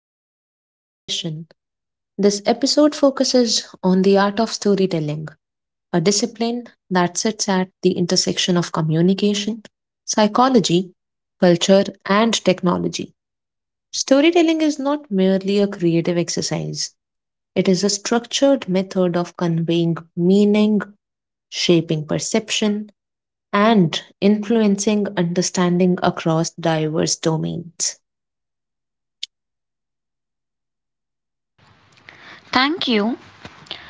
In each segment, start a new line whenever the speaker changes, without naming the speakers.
Welcome to today's session. This episode focuses on the art of storytelling, a discipline that sits at the intersection of communication, psychology, culture, and technology. Storytelling is not merely a creative exercise, it is a structured method of conveying meaning, shaping perception, and influencing understanding across diverse domains.
Thank you.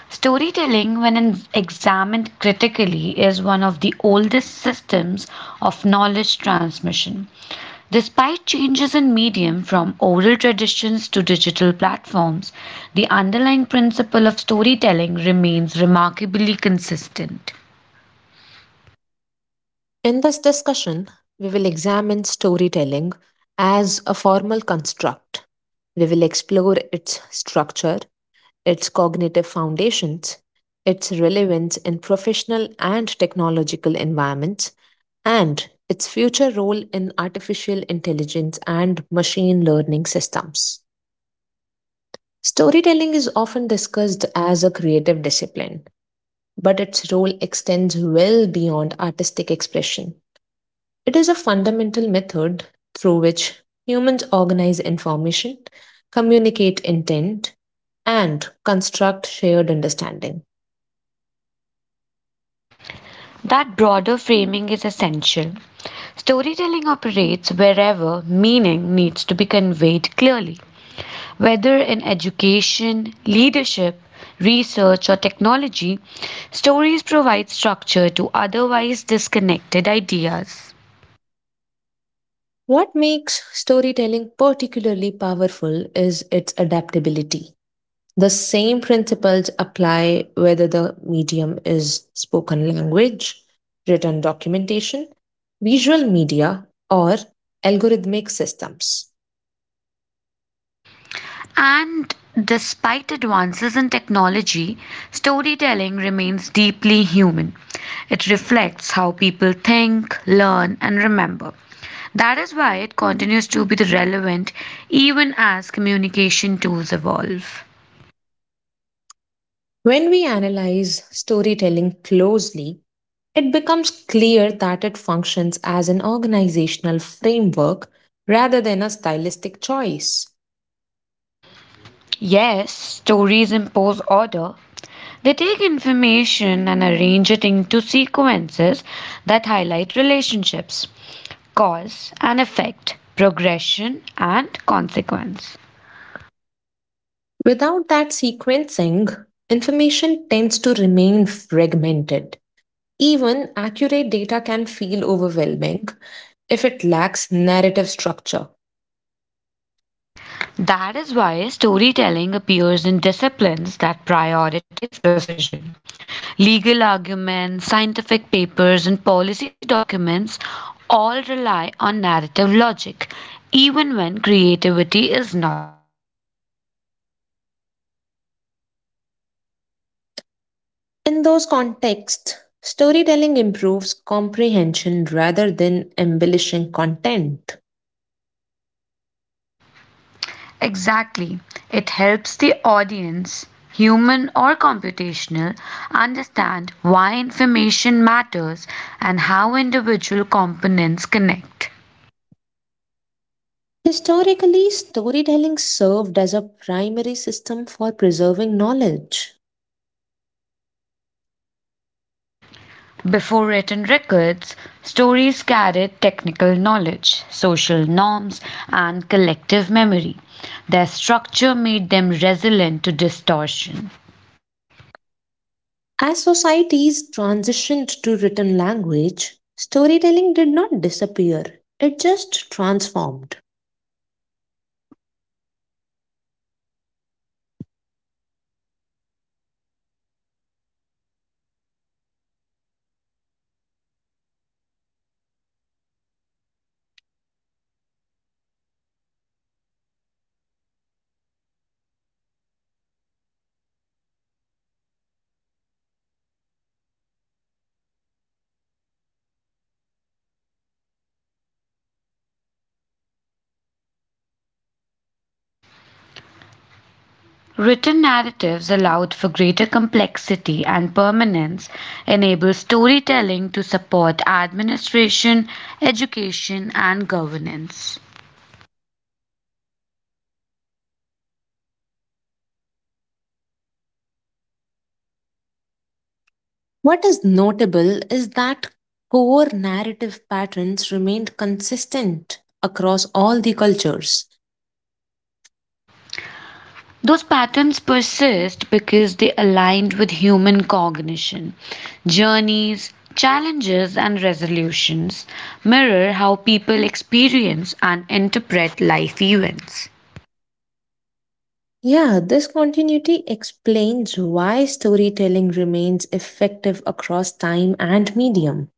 Storytelling, when examined critically, is one of the oldest systems of knowledge transmission. Despite changes in medium from oral traditions to digital platforms, the underlying principle of storytelling remains remarkably consistent.
In this discussion, we will examine storytelling as a formal construct. We will explore its structure, its cognitive foundations, its relevance in professional and technological environments, and its future role in artificial intelligence and machine learning systems. Storytelling is often discussed as a creative discipline, but its role extends well beyond artistic expression. It is a fundamental method through which humans organize information, communicate intent, and construct shared understanding.
That broader framing is essential. Storytelling operates wherever meaning needs to be conveyed clearly, whether in education, leadership, research, or technology. Stories provide structure to otherwise disconnected ideas.
What makes storytelling particularly powerful is its adaptability. The same principles apply whether the medium is spoken language, written documentation, visual media, or algorithmic systems.
And despite advances in technology, storytelling remains deeply human. It reflects how people think, learn, and remember. That is why it continues to be relevant even as communication tools evolve.
When we analyze storytelling closely, it becomes clear that it functions as an organizational framework rather than a stylistic choice.
Yes, stories impose order. They take information and arrange it into sequences that highlight relationships, cause and effect, progression and consequence.
Without that sequencing, information tends to remain fragmented. Even accurate data can feel overwhelming if it lacks narrative structure.
That is why storytelling appears in disciplines that prioritize precision. Legal arguments, scientific papers, and policy documents all rely on narrative logic, even when creativity is not the goal.
In those contexts, storytelling improves comprehension rather than embellishing content.
Exactly. It helps the audience, human or computational, understand why information matters and how individual components connect.
Historically, storytelling served as a primary system for preserving knowledge.
Before written records, stories carried technical knowledge, social norms, and collective memory. Their structure made them resilient to distortion.
As societies transitioned to written language, storytelling did not disappear, it just transformed.
Written narratives allowed for greater complexity and permanence, enabled storytelling to support administration, education, and governance.
What is notable is that core narrative patterns remained consistent across all the cultures.
Those patterns persist because they aligned with human cognition. Journeys, challenges, and resolutions mirror how people experience and interpret life events.
Yeah, this continuity explains why storytelling remains effective across time and medium.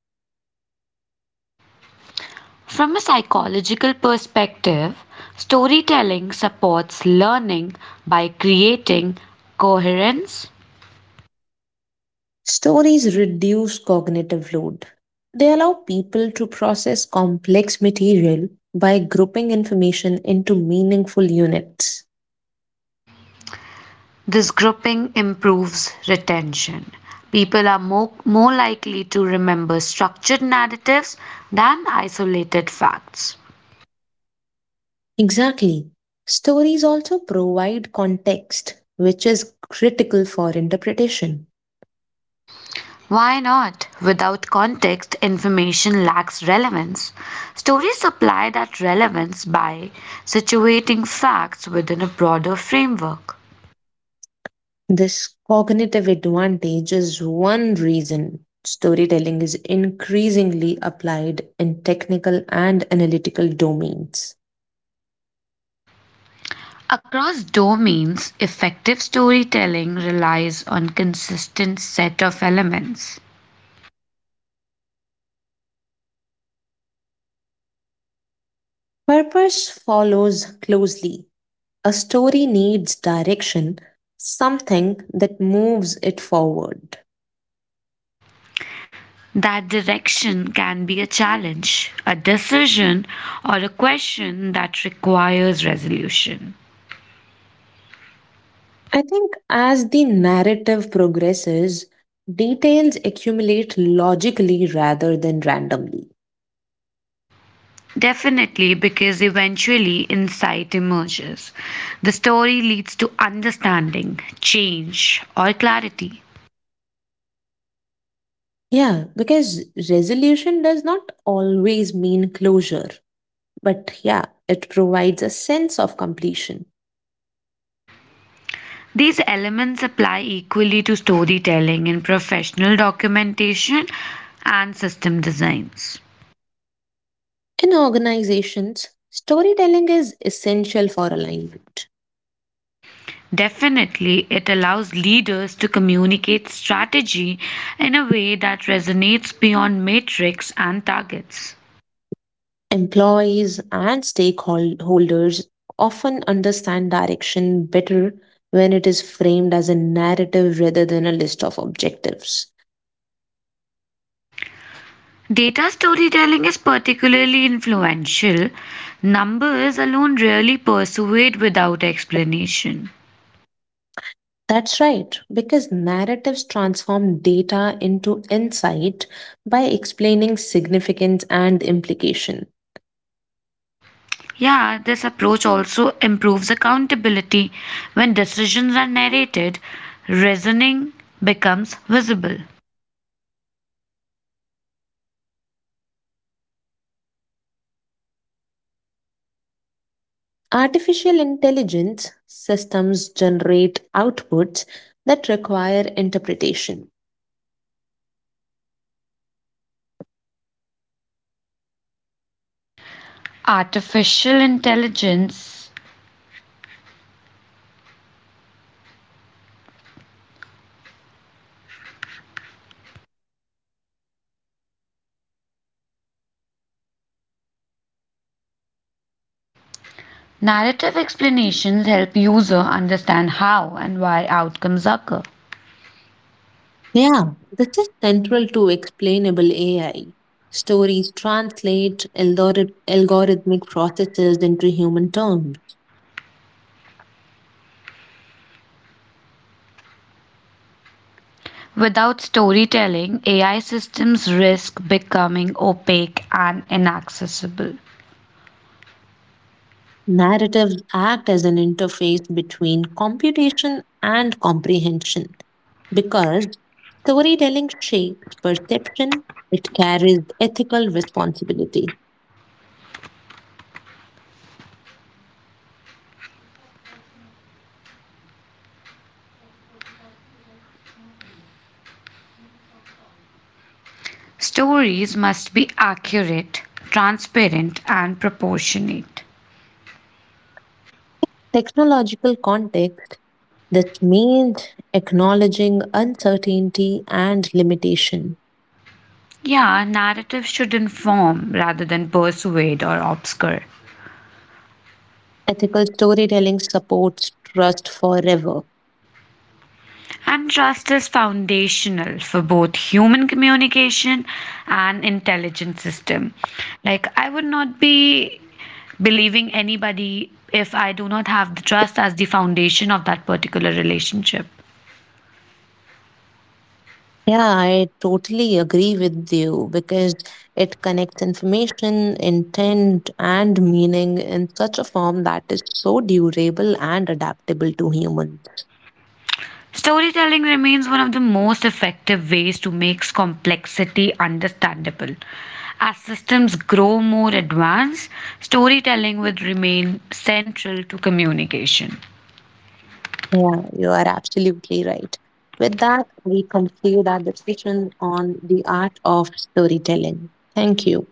From a psychological perspective, storytelling supports learning by creating coherence.
Stories reduce cognitive load. They allow people to process complex material by grouping information into meaningful units.
This grouping improves retention. People are more likely to remember structured narratives than isolated facts.
Exactly. Stories also provide context, which is critical for interpretation.
Why not? Without context, information lacks relevance. Stories supply that relevance by situating facts within a broader framework.
This cognitive advantage is one reason storytelling is increasingly applied in technical and analytical domains.
Across domains, effective storytelling relies on consistent set of elements.
Purpose follows closely. A story needs direction, something that moves it forward.
That direction can be a challenge, a decision, or a question that requires resolution.
I think as the narrative progresses, details accumulate logically rather than randomly.
Definitely, because eventually insight emerges. The story leads to understanding, change, or clarity.
Yeah, because resolution does not always mean closure. But yeah, it provides a sense of completion.
These elements apply equally to storytelling in professional documentation and system designs.
In organizations, storytelling is essential for alignment.
Definitely, it allows leaders to communicate strategy in a way that resonates beyond metrics and targets.
Employees and stakeholders often understand direction better when it is framed as a narrative rather than a list of objectives.
Data storytelling is particularly influential. Numbers alone rarely persuade without explanation.
That's right, because narratives transform data into insight by explaining significance and implication.
Yeah, this approach also improves accountability when decisions are narrated, reasoning becomes visible.
Artificial intelligence systems generate outputs that require interpretation.
Artificial intelligence narrative explanations help user understand how and why outcomes occur.
Yeah, this is central to explainable AI. Stories translate algorithmic processes into human terms.
Without storytelling, AI systems risk becoming opaque and inaccessible.
Narratives act as an interface between computation and comprehension. Because storytelling shapes perception, it carries ethical responsibility.
Stories must be accurate, transparent, and proportionate.
Technological context that means acknowledging uncertainty and limitation.
Yeah, narratives should inform rather than persuade or obscure.
Ethical storytelling supports trust forever.
And trust is foundational for both human communication and intelligent system. Like I would not be believing anybody if I do not have the trust as the foundation of that particular relationship.
Yeah, I totally agree with you because it connects information, intent, and meaning in such a form that is so durable and adaptable to humans.
Storytelling remains one of the most effective ways to make complexity understandable. As systems grow more advanced, storytelling would remain central to communication.
Yeah, you are absolutely right. With that, we conclude our discussion on the art of storytelling. Thank you.